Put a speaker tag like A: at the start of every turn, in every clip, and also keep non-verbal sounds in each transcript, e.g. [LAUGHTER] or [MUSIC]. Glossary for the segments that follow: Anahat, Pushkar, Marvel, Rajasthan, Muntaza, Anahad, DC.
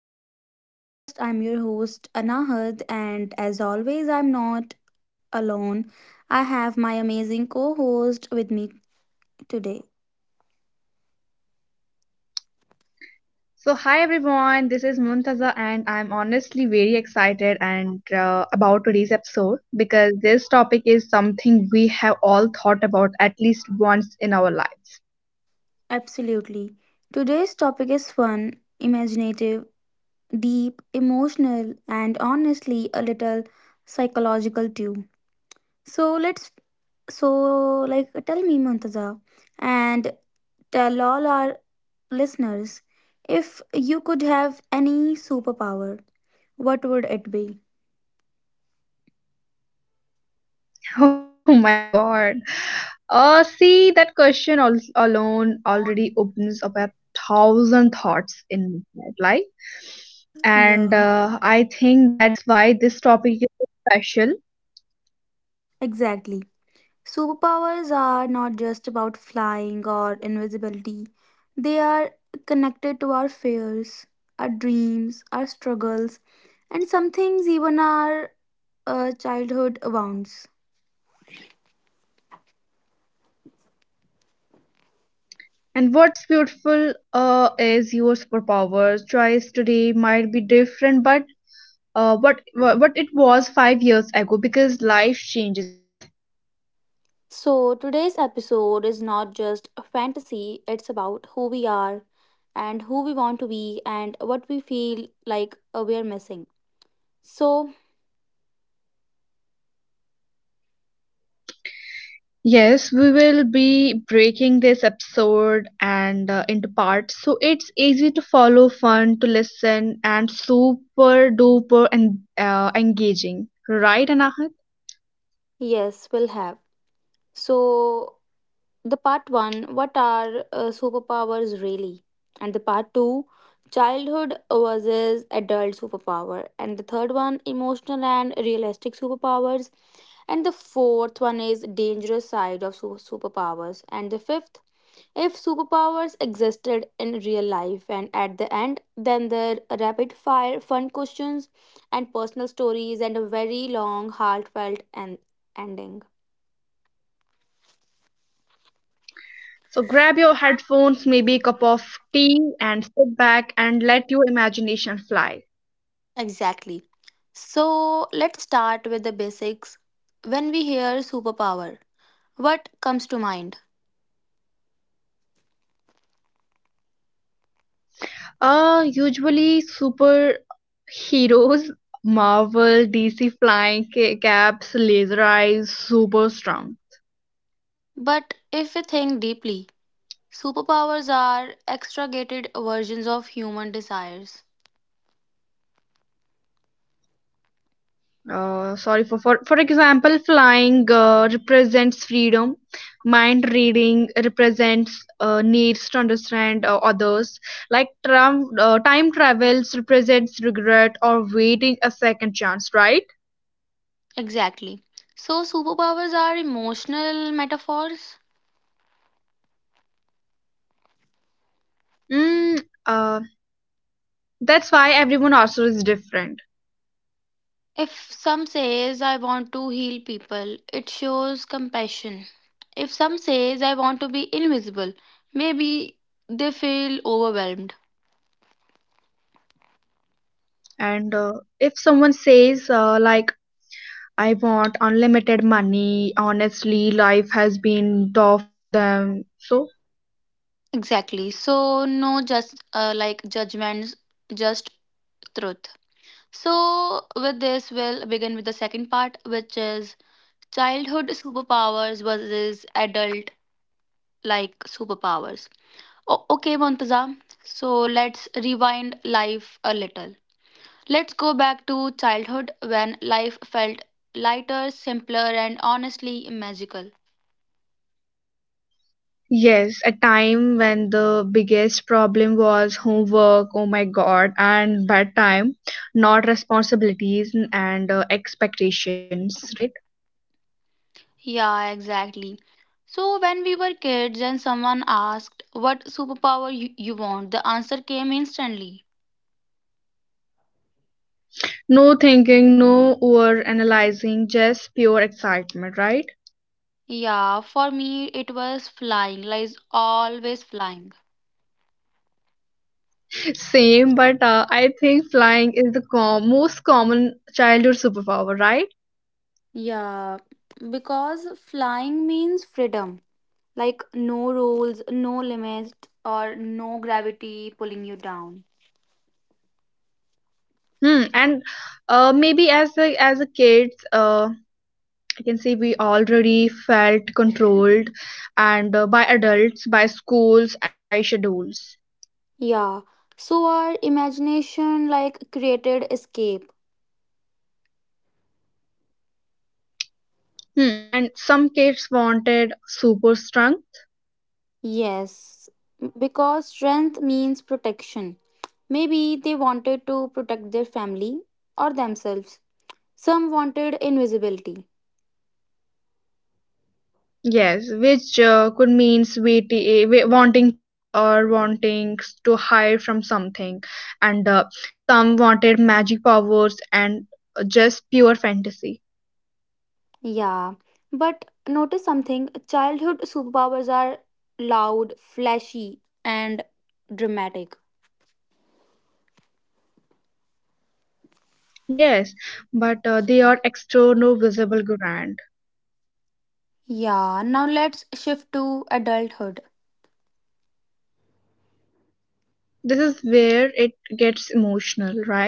A: back to the podcast. I'm your host, Anahad, and as always, I'm not alone. I have my amazing co host with me today.
B: So, hi everyone, this is Muntaza, and I'm honestly very excited and about today's episode because this topic is something we have all thought about at least once in our lives.
A: Absolutely. Today's topic is fun, imaginative, deep, emotional, and honestly, a little psychological too. So, let's so like tell me, Muntaza, and tell all our listeners if you could have any superpower, what would it be?
B: [LAUGHS] Oh my God. See, that question alone already opens up a thousand thoughts in my head, like, and
A: Yeah,
B: I think that's why this topic is so special.
A: exactly. Superpowers are not just about flying or invisibility, they are connected to our fears, our dreams, our struggles, and some things even our childhood wounds.
B: And what's beautiful is your superpowers. Choice today might be different, but what it was 5 years ago because life changes us.
A: So, today's episode is not just a fantasy, it's about who we are and who we want to be and what we feel like we are missing. So,
B: Yes, we will be breaking this episode and into parts so it's easy to follow, fun to listen, and super duper and engaging, right, Anahat?
A: yes, we'll have. So, the part one, what are superpowers really, and the part two, childhood versus adult superpower, and the third one, emotional and realistic superpowers, and the fourth one is dangerous side of superpowers, and the fifth, if superpowers existed in real life, and at the end then the rapid fire fun questions and personal stories and a very long heartfelt and ending.
B: So grab your headphones, maybe a cup of tea, and sit back and let your imagination fly.
A: Exactly. So let's start with the basics. When we hear superpower, what comes to mind?
B: Usually superheroes, Marvel, DC, flying caps, laser eyes, super strong.
A: But if we think deeply, superpowers are extragated versions of human desires.
B: Sorry, for example, flying represents freedom, mind reading represents needs to understand others, like time travels represents regret or waiting a second chance, right?
A: Exactly. So superpowers are emotional metaphors.
B: mm, uh, that's why everyone also is different.
A: If some says I want to heal people, it shows compassion. If some says I want to be invisible, maybe they feel overwhelmed.
B: And if someone says, I want unlimited money, honestly life has been tough on them, so
A: Exactly. So, no just like judgments, just truth. So, with this, we'll begin with the second part, which is childhood superpowers versus adult like superpowers. Okay, Montaza. So, let's rewind life a little. Let's go back to childhood when life felt lighter, simpler, and honestly magical.
B: yes, a time when the biggest problem was homework, oh my god, and bad time, not responsibilities and expectations, right?
A: Yeah, exactly. So, when we were kids and someone asked what superpower you want, the answer came instantly.
B: No thinking, no over analyzing, just pure excitement, right?
A: Yeah, for me it was flying, like always flying.
B: Same, but I think flying is the most common childhood superpower, right?
A: Yeah, because flying means freedom, like no rules, no limits, or no gravity pulling you down.
B: Hmm, and maybe as a kids, you can say we already felt controlled and by adults, by schools, and by schedules.
A: Yeah, so our imagination like created escape.
B: Hmm. And some kids wanted super strength,
A: Yes, because strength means protection. Maybe they wanted to protect their family or themselves. Some wanted invisibility.
B: yes, which could mean wanting peace or wanting to hide from something. And some wanted magic powers, and just pure fantasy.
A: Yeah, but notice something, childhood superpowers are loud, flashy, and dramatic.
B: Yes, but they are external, visible, grand.
A: Yeah, now let's shift to adulthood.
B: This is where it gets emotional, right?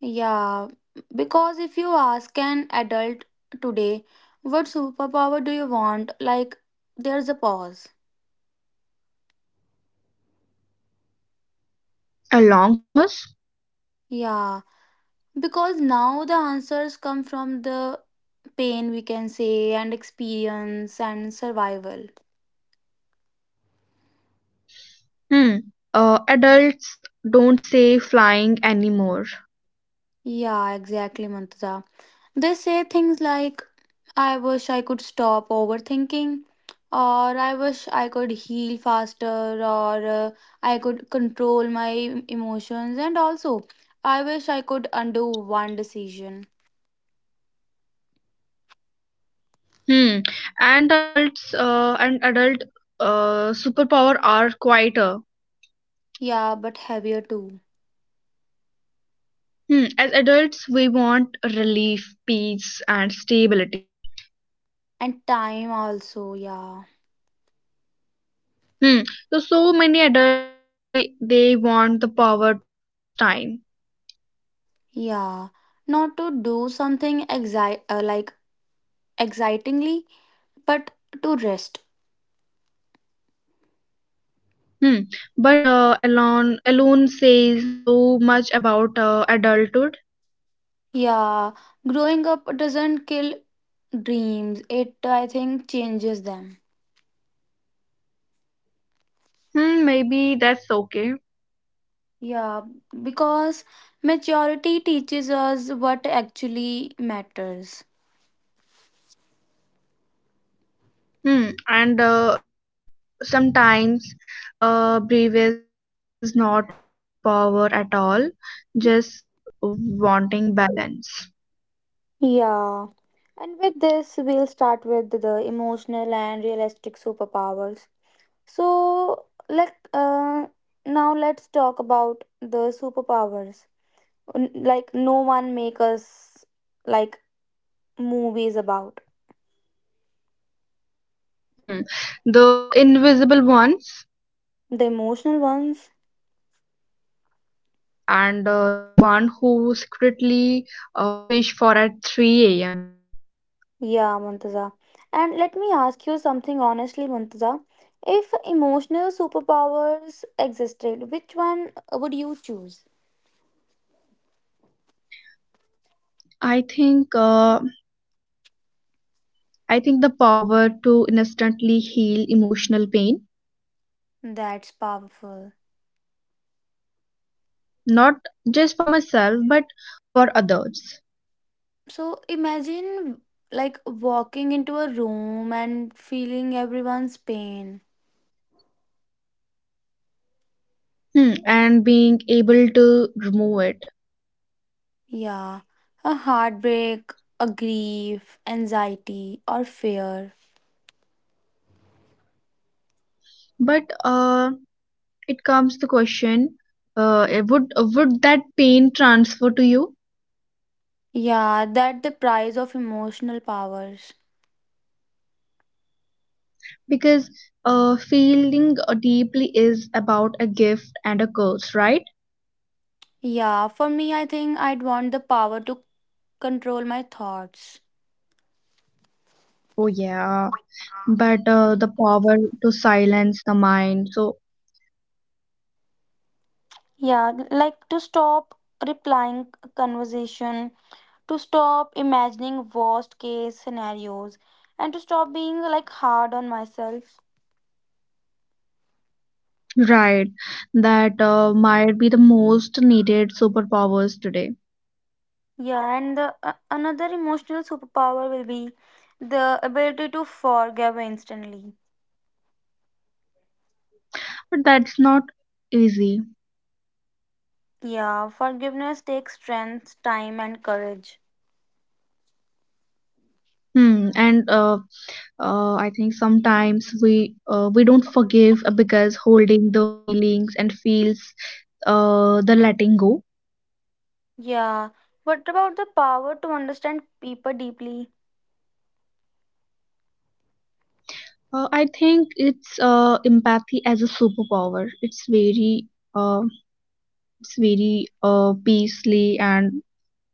A: Yeah, because if you ask an adult today, what superpower do you want? Like, there's a pause.
B: A long pause.
A: Yeah. Because now the answers come from the pain, we can say, and experience and survival.
B: Hmm. Adults don't say flying anymore.
A: Yeah, exactly, Mantaza. They say things like, I wish I could stop overthinking, or I wish I could heal faster, or I could control my emotions, and also, I wish I could undo one decision.
B: Hmm. And adult superpower are quieter.
A: Yeah, but heavier too.
B: Hmm. As adults, we want relief, peace, and stability.
A: And time also, yeah.
B: Hmm. So so many adults say they want the power to pause time.
A: Yeah. Not to do something like excitingly, but to rest.
B: Hmm. But alone alone says so much about adulthood.
A: Yeah, growing up doesn't kill dreams, it I think changes them.
B: Hmm. Maybe that's okay.
A: Yeah, because maturity teaches us what actually matters.
B: Hmm. And sometimes bravest things is not wanting power at all, just wanting balance.
A: Yeah. And with this, we'll start with the emotional and realistic superpowers. So, like, now let's talk about the superpowers. Like, no one make us like movies about.
B: Hmm. The invisible ones,
A: The emotional ones?
B: and the one who secretly wish for at 3 a.m.
A: Yeah, Muntaza. And let me ask you something honestly, Muntaza. If emotional superpowers existed, which one would you choose?
B: i think uh, I think the power to instantly heal emotional pain,
A: That's powerful.
B: not just for myself but for others.
A: So imagine like walking into a room and feeling everyone's pain.
B: Hmm. And being able to remove it.
A: Yeah, a heartbreak, a grief, anxiety, or fear.
B: But it comes the question, would that pain transfer to you?
A: Yeah, that the price of emotional powers.
B: Because feeling deeply is about a gift and a curse, right?
A: Yeah, for me, I think I'd want the power to control my thoughts.
B: Oh, yeah. But the power to silence the mind, so
A: Yeah, like to stop replying conversation, to stop imagining worst case scenarios, and to stop being like hard on myself.
B: right, that might be the most needed superpowers today.
A: Yeah, and the, another emotional superpower will be the ability to forgive instantly.
B: But that's not easy.
A: Yeah, forgiveness takes strength, time, and courage.
B: Hmm and uh, uh, i think sometimes we don't forgive because holding the feelings and feels the letting go.
A: Yeah, what about the power to understand people deeply?
B: I think it's empathy as a superpower. Uh, it's very peacefully and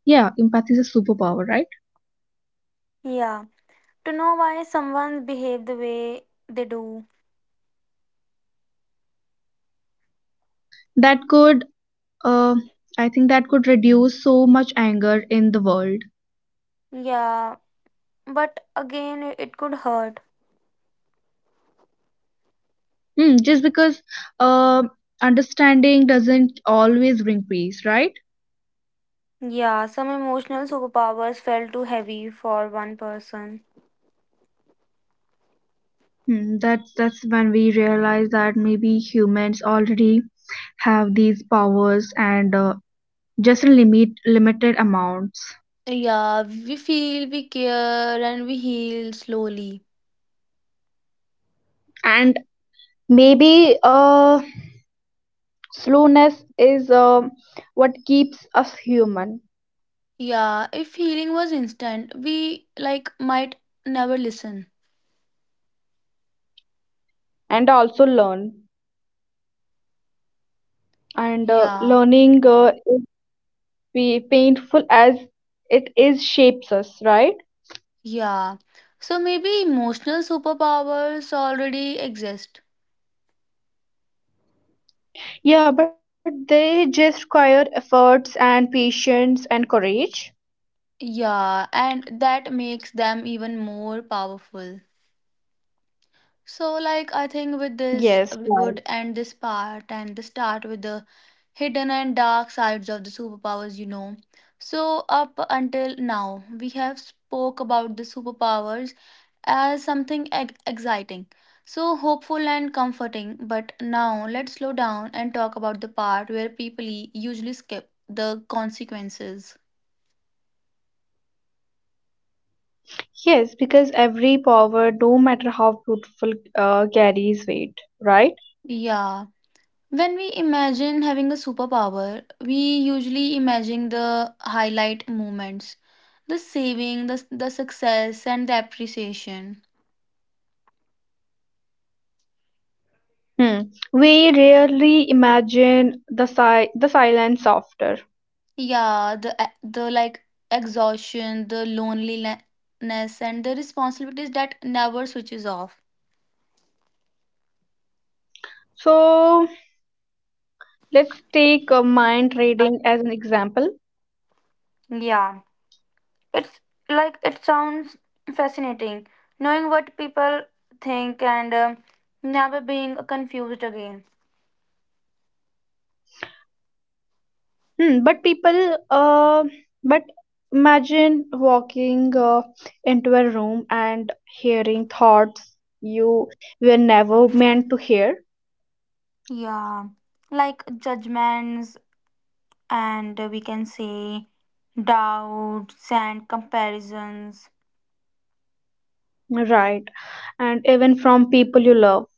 B: yeah, empathy is a superpower, right?
A: Yeah. To know why someone behave the way they do.
B: That could, uh, I think that could reduce so much anger in the world.
A: Yeah, but again it could hurt.
B: Hmm, just because uh, understanding doesn't always bring peace, right?
A: Yeah, some emotional superpowers felt too heavy for one person.
B: Hmm, that's when we realize that maybe humans already have these powers, and just in limited amounts.
A: Yeah, we feel, we care, and we heal slowly.
B: And maybe slowness is what keeps us human.
A: Yeah, if healing was instant, we like might never listen.
B: And also learn, and
A: Yeah,
B: learning be painful as it is, shapes us right.
A: yeah. So maybe emotional superpowers already exist.
B: Yeah, but they just require efforts and patience and courage.
A: Yeah, and that makes them even more powerful. So, like, I think with this,
B: Yes,
A: we
B: right.
A: would end this part and the start with the hidden and dark sides of the superpowers, you know. So, up until now, we have spoke about the superpowers as something exciting, so hopeful and comforting. But now, let's slow down and talk about the part where people usually skip the consequences.
B: Yes, because every power, no matter how beautiful, carries weight, right?
A: Yeah. When we imagine having a superpower, we usually imagine the highlight moments, the saving, the success and the appreciation.
B: Hmm. We rarely imagine the the silence after.
A: Yeah, the like exhaustion, the loneliness and the responsibilities that never switches off.
B: So let's take mind reading as an example.
A: Yeah, it's like it sounds fascinating knowing what people think and never being confused again.
B: Hmm. But imagine walking into a room and hearing thoughts you were never meant to hear,
A: Yeah, like judgments and we can say doubts and comparisons.
B: right? And even from people you love.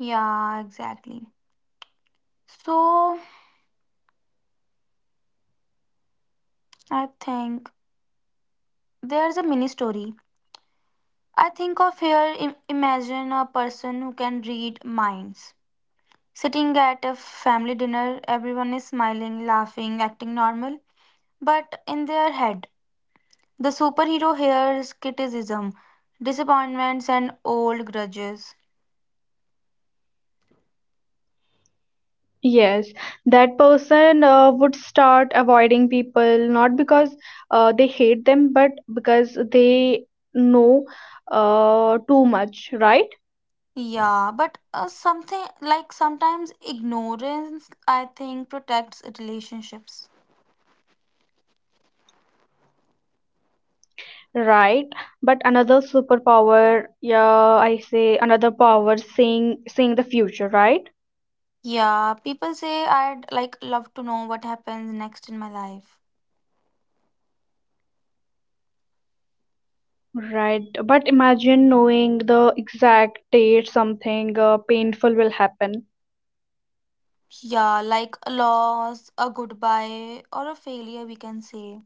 A: Yeah, exactly. So I think there's a mini story. I think of here imagine a person who can read minds. Sitting at a family dinner, everyone is smiling, laughing, acting normal, but in their head, the superhero hears criticism, disappointments, and old grudges.
B: Yes, that person would start avoiding people, not because they hate them, but because they know too much, right?
A: Yeah, but something like sometimes ignorance, I think, protects relationships.
B: Right. But another superpower, yeah, I say another power, seeing the future, right?
A: Yeah, people say I'd like love to know what happens next in my life.
B: Right. But imagine knowing the exact date something painful will happen.
A: Yeah, like a loss, a goodbye, or a failure, we can say.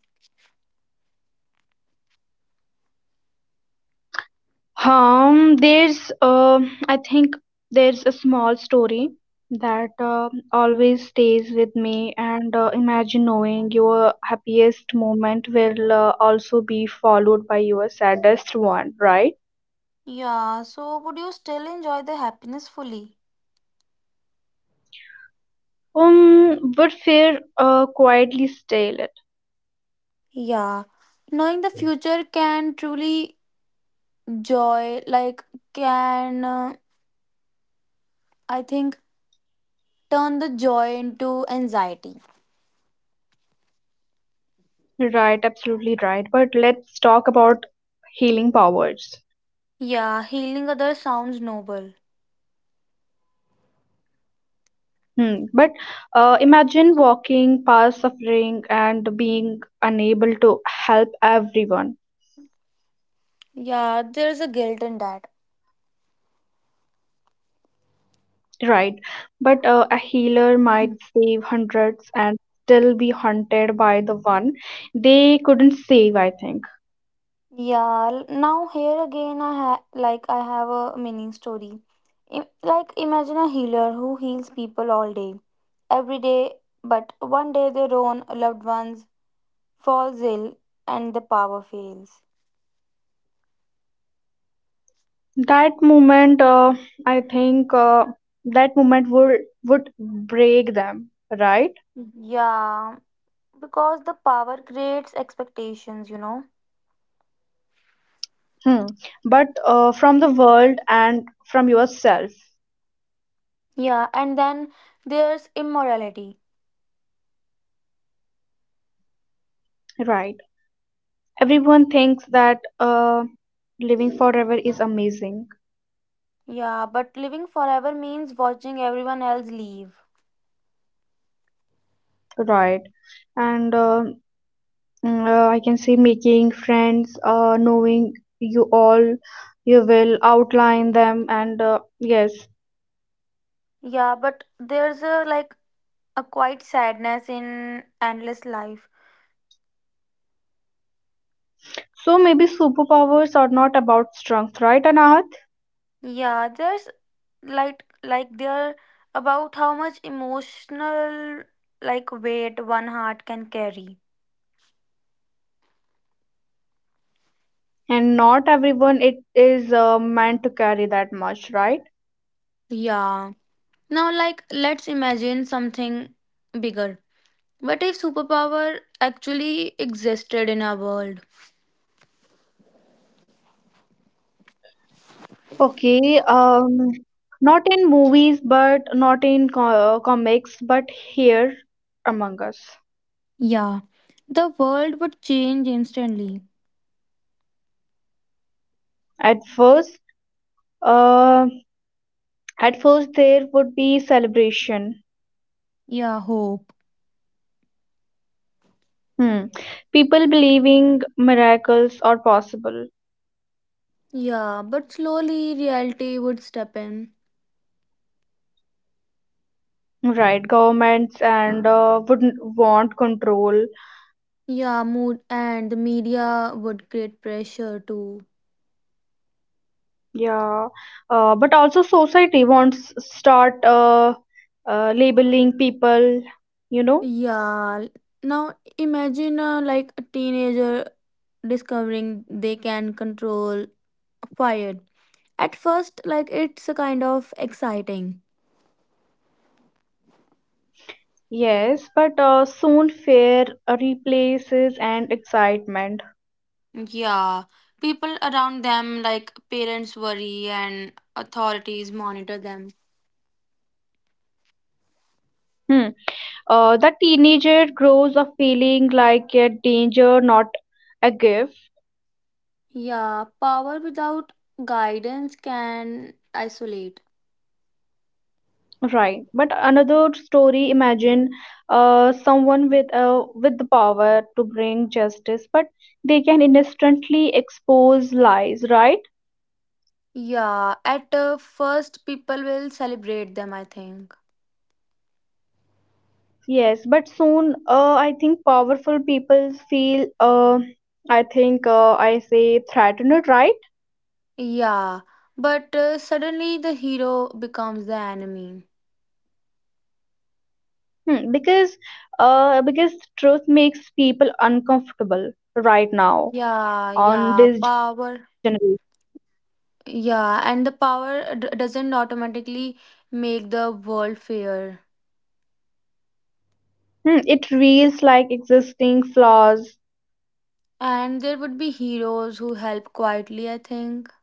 B: There's I think there's a small story that always stays with me, and imagine knowing your happiest moment will also be followed by your saddest one, right?
A: Yeah, so would you still enjoy the happiness fully?
B: But fear quietly stale it.
A: Yeah, knowing the future can truly joy, like, can I think turn the joy into anxiety.
B: Right, absolutely right. But let's talk about healing powers.
A: Yeah, healing others sounds noble.
B: Hmm. But imagine walking past suffering and being unable to help everyone.
A: Yeah, there's a guilt in that.
B: Right, but a healer might save hundreds and still be haunted by the one they couldn't save, I think.
A: Yeah, now here again, I like I have a mini story. Like imagine a healer who heals people all day, every day, but one day their own loved ones falls ill and the power fails.
B: That moment, uh, I think uh, that moment would break them, right?
A: Yeah, because the power creates expectations, you know.
B: Hmm. But from the world and from yourself,
A: Yeah, and then there's immorality.
B: right? Everyone thinks that living forever is amazing,
A: Yeah, but living forever means watching everyone else leave.
B: right? And uh, I can say, making friends, knowing you all, you will outline them, and yes.
A: Yeah, but there's a like a quiet sadness in endless life.
B: So maybe superpowers are not about strength, right, Anahat?
A: Yeah, there's like there about how much emotional like weight one heart can carry.
B: And not everyone it is meant to carry that much, right?
A: Yeah. Now like let's imagine something bigger. What if superpower actually existed in our world?
B: Okay. Not in movies, but not in comics, but here among us.
A: Yeah. The world would change instantly.
B: At first, uh, there would be celebration.
A: Yeah, hope.
B: Hmm. People believing miracles are possible,
A: Yeah, but slowly reality would step in.
B: right? Governments and wouldn't want control,
A: Yeah, mood and the media would create pressure too.
B: yeah. But also society wants start labeling people, you know.
A: Yeah. Now imagine like a teenager discovering they can control fire. At first, like it's a kind of exciting.
B: Yes, but soon fear replaces and excitement.
A: Yeah, people around them, like parents, worry and authorities monitor them.
B: Hmm. The teenager grows up feeling like a danger, not a gift.
A: Yeah, power without guidance can isolate.
B: Right, but another story. Imagine someone with the power to bring justice, but they can instantly expose lies, right?
A: Yeah, at first people will celebrate them, I think.
B: Yes, but soon, I think powerful people feel, I say threatened, right?
A: Yeah, but suddenly the hero becomes the enemy.
B: Hmm, because uh, because truth makes people uncomfortable right now
A: Yeah,
B: on
A: yeah,
B: this generation.
A: power. Yeah, and the power doesn't automatically make the world fair.
B: Hmm, it feels like existing flaws,
A: And there would be heroes who help quietly, I think.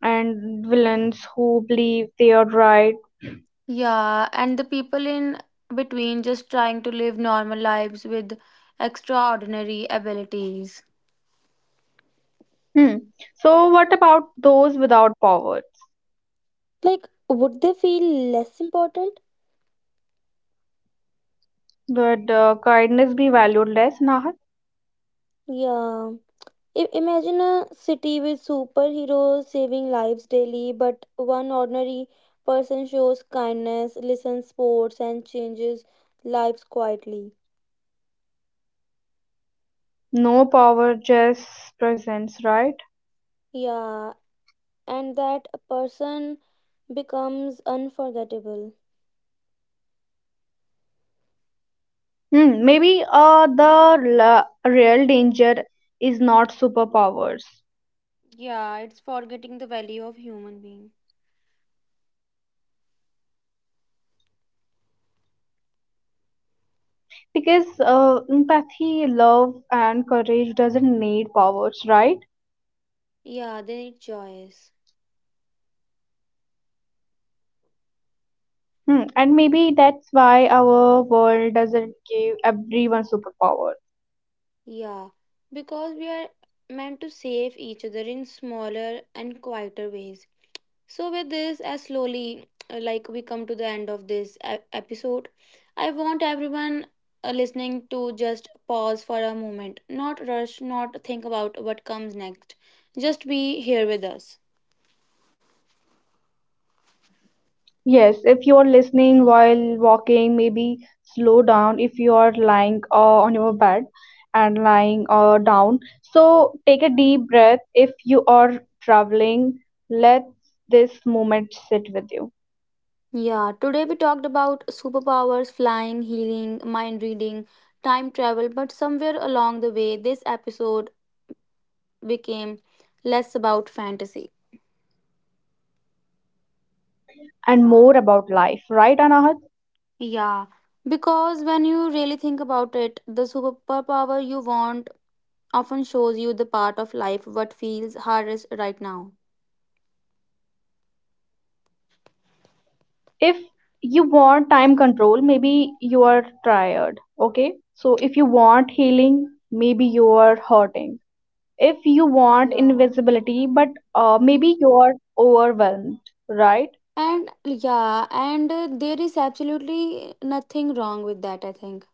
B: and villains who believe they are right.
A: Yeah, and the people in between just trying to live normal lives with extraordinary abilities.
B: Hmm. So, what about those without power?
A: Like, would they feel less important?
B: Would kindness be valued less, Nahat?
A: Yeah. Imagine a city with superheroes saving lives daily, but one ordinary person shows kindness, listens sports, and changes lives quietly.
B: No power, just presence, right?
A: Yeah, and that person becomes unforgettable.
B: Hmm. Maybe real danger is not superpowers,
A: Yeah, it's forgetting the value of human being.
B: because empathy, love, and courage doesn't need powers, right?
A: Yeah, they need choice.
B: Hmm. And maybe that's why our world doesn't give everyone superpowers.
A: Yeah, because we are meant to save each other in smaller and quieter ways. So, with this, as slowly like we come to the end of this episode, I want everyone listening to just pause for a moment, not rush, not think about what comes next. Just be here with us.
B: Yes, if you are listening while walking, maybe slow down. If you are lying on your bed and lying down. So take a deep breath if you are traveling. Let this moment sit with you
A: Yeah, today we talked about superpowers, flying, healing, mind reading, time travel, but somewhere along the way, this episode became less about fantasy.
B: and more about life, right, Anahat?
A: Yeah, because when you really think about it, the superpower you want often shows you the part of life what feels hardest right now.
B: If you want time control, maybe you are tired, okay? So if you want healing, maybe you are hurting. If you want
A: Yeah.
B: invisibility, but maybe you're overwhelmed, right?
A: And yeah, and there is absolutely nothing wrong with that, I think.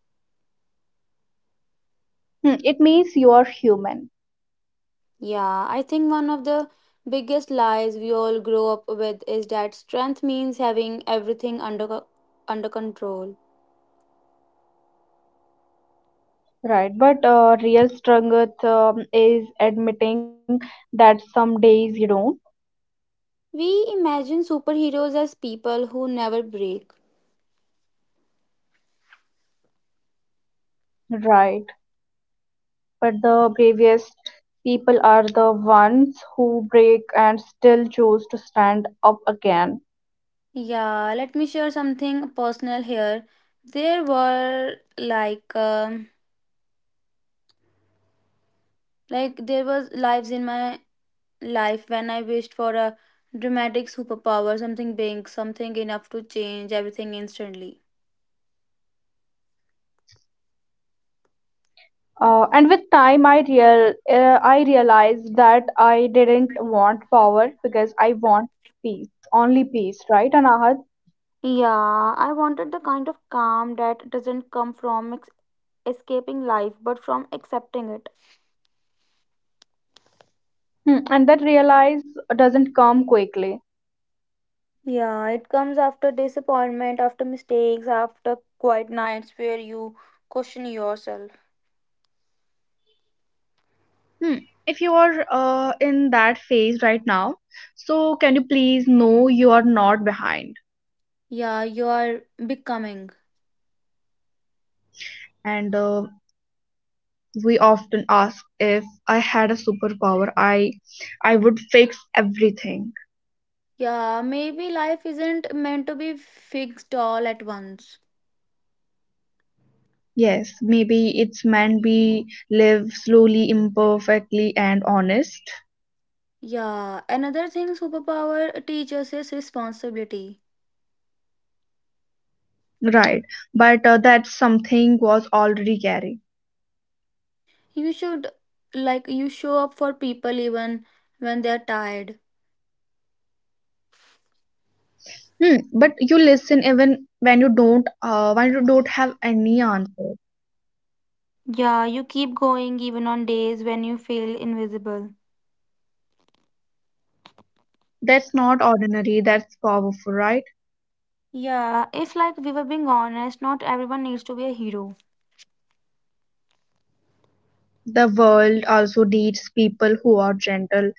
B: Hmm, it means you're human,
A: Yeah, I think one of the biggest lies we all grow up with is that strength means having everything under under control.
B: right? But real strength, is admitting that some days you don't.
A: We imagine superheroes as people who never break.
B: Right, but the bravest people are the ones who break and still choose to stand up again.
A: Yeah, let me share something personal here. There were like there was lives in my life when I wished for a dramatic superpower, something big, something enough to change everything instantly.
B: And with time I realized that I didn't want power because I want peace, only peace, right, Anahat?
A: Yeah, I wanted the kind of calm that doesn't come from escaping life but from accepting it.
B: Hmm, and that realize doesn't come quickly.
A: Yeah, it comes after disappointment, after mistakes, after quiet nights where you question yourself.
B: Hmm. If you are in that phase right now, so can you please know you are not behind?
A: Yeah, you are becoming.
B: And we often ask, if I had a superpower, I would fix everything.
A: Yeah, maybe life isn't meant to be fixed all at once.
B: Yes, maybe it's meant be live slowly, imperfectly, and honest.
A: Yeah, another thing superpower teaches is responsibility.
B: Right, but that something was already carrying.
A: You should like you show up for people even when they're tired.
B: Hmm, but you listen even when you don't have any answer.
A: Yeah, you keep going even on days when you feel invisible.
B: That's not ordinary, that's powerful, right?
A: Yeah, if like we were being honest, not everyone needs to be a hero.
B: The world also needs people who are gentle.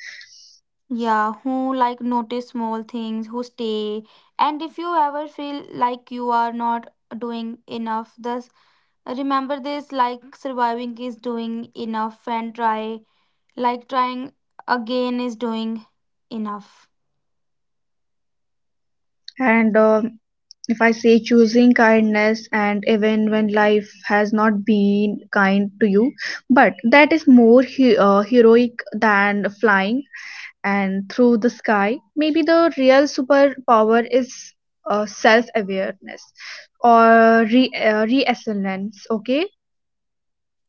A: Yeah, who like notice small things, who stay. And if you ever feel like you are not doing enough, thus remember this like surviving is doing enough and try. Like trying again is doing enough.
B: And if I say, choosing kindness and even when life has not been kind to you, but that is more heroic than flying and through the sky. Maybe the real superpower is self awareness or reassonance, okay?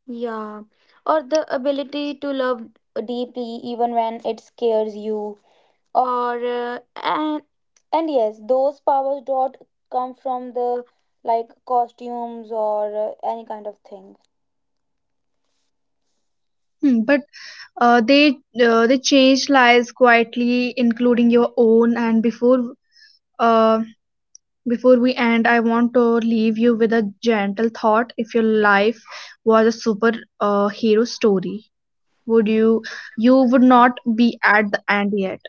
A: Yeah, or the ability to love deeply even when it scares you. Or and yes, those powers don't come from the like costumes or any kind of thing.
B: Hmm, but they change lives quietly, including your own. And before uh, before we end, I want to leave you with a gentle thought. If your life was a super hero story, would you you would not be at the end yet?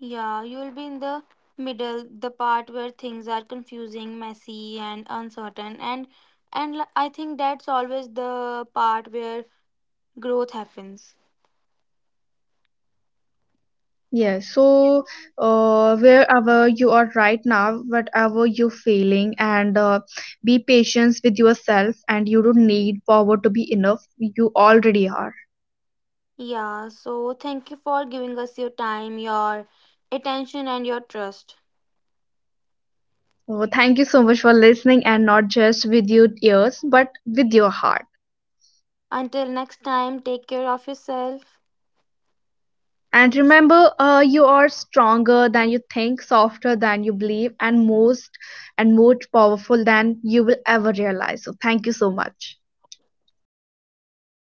A: Yeah, you will be in the middle, the part where things are confusing, messy, and uncertain, and I think that's always the part where growth happens.
B: Yeah, so wherever you are right now, whatever you're feeling, and be patient with yourself, and you don't need power to be enough. You already are.
A: Yeah, so thank you for giving us your time, your attention, and your trust.
B: So, thank you so much for listening, and not just with your ears, but with your heart.
A: Until next time, take care of yourself.
B: And remember, you are stronger than you think, softer than you believe, and most and more powerful than you will ever realize. So, thank you so much.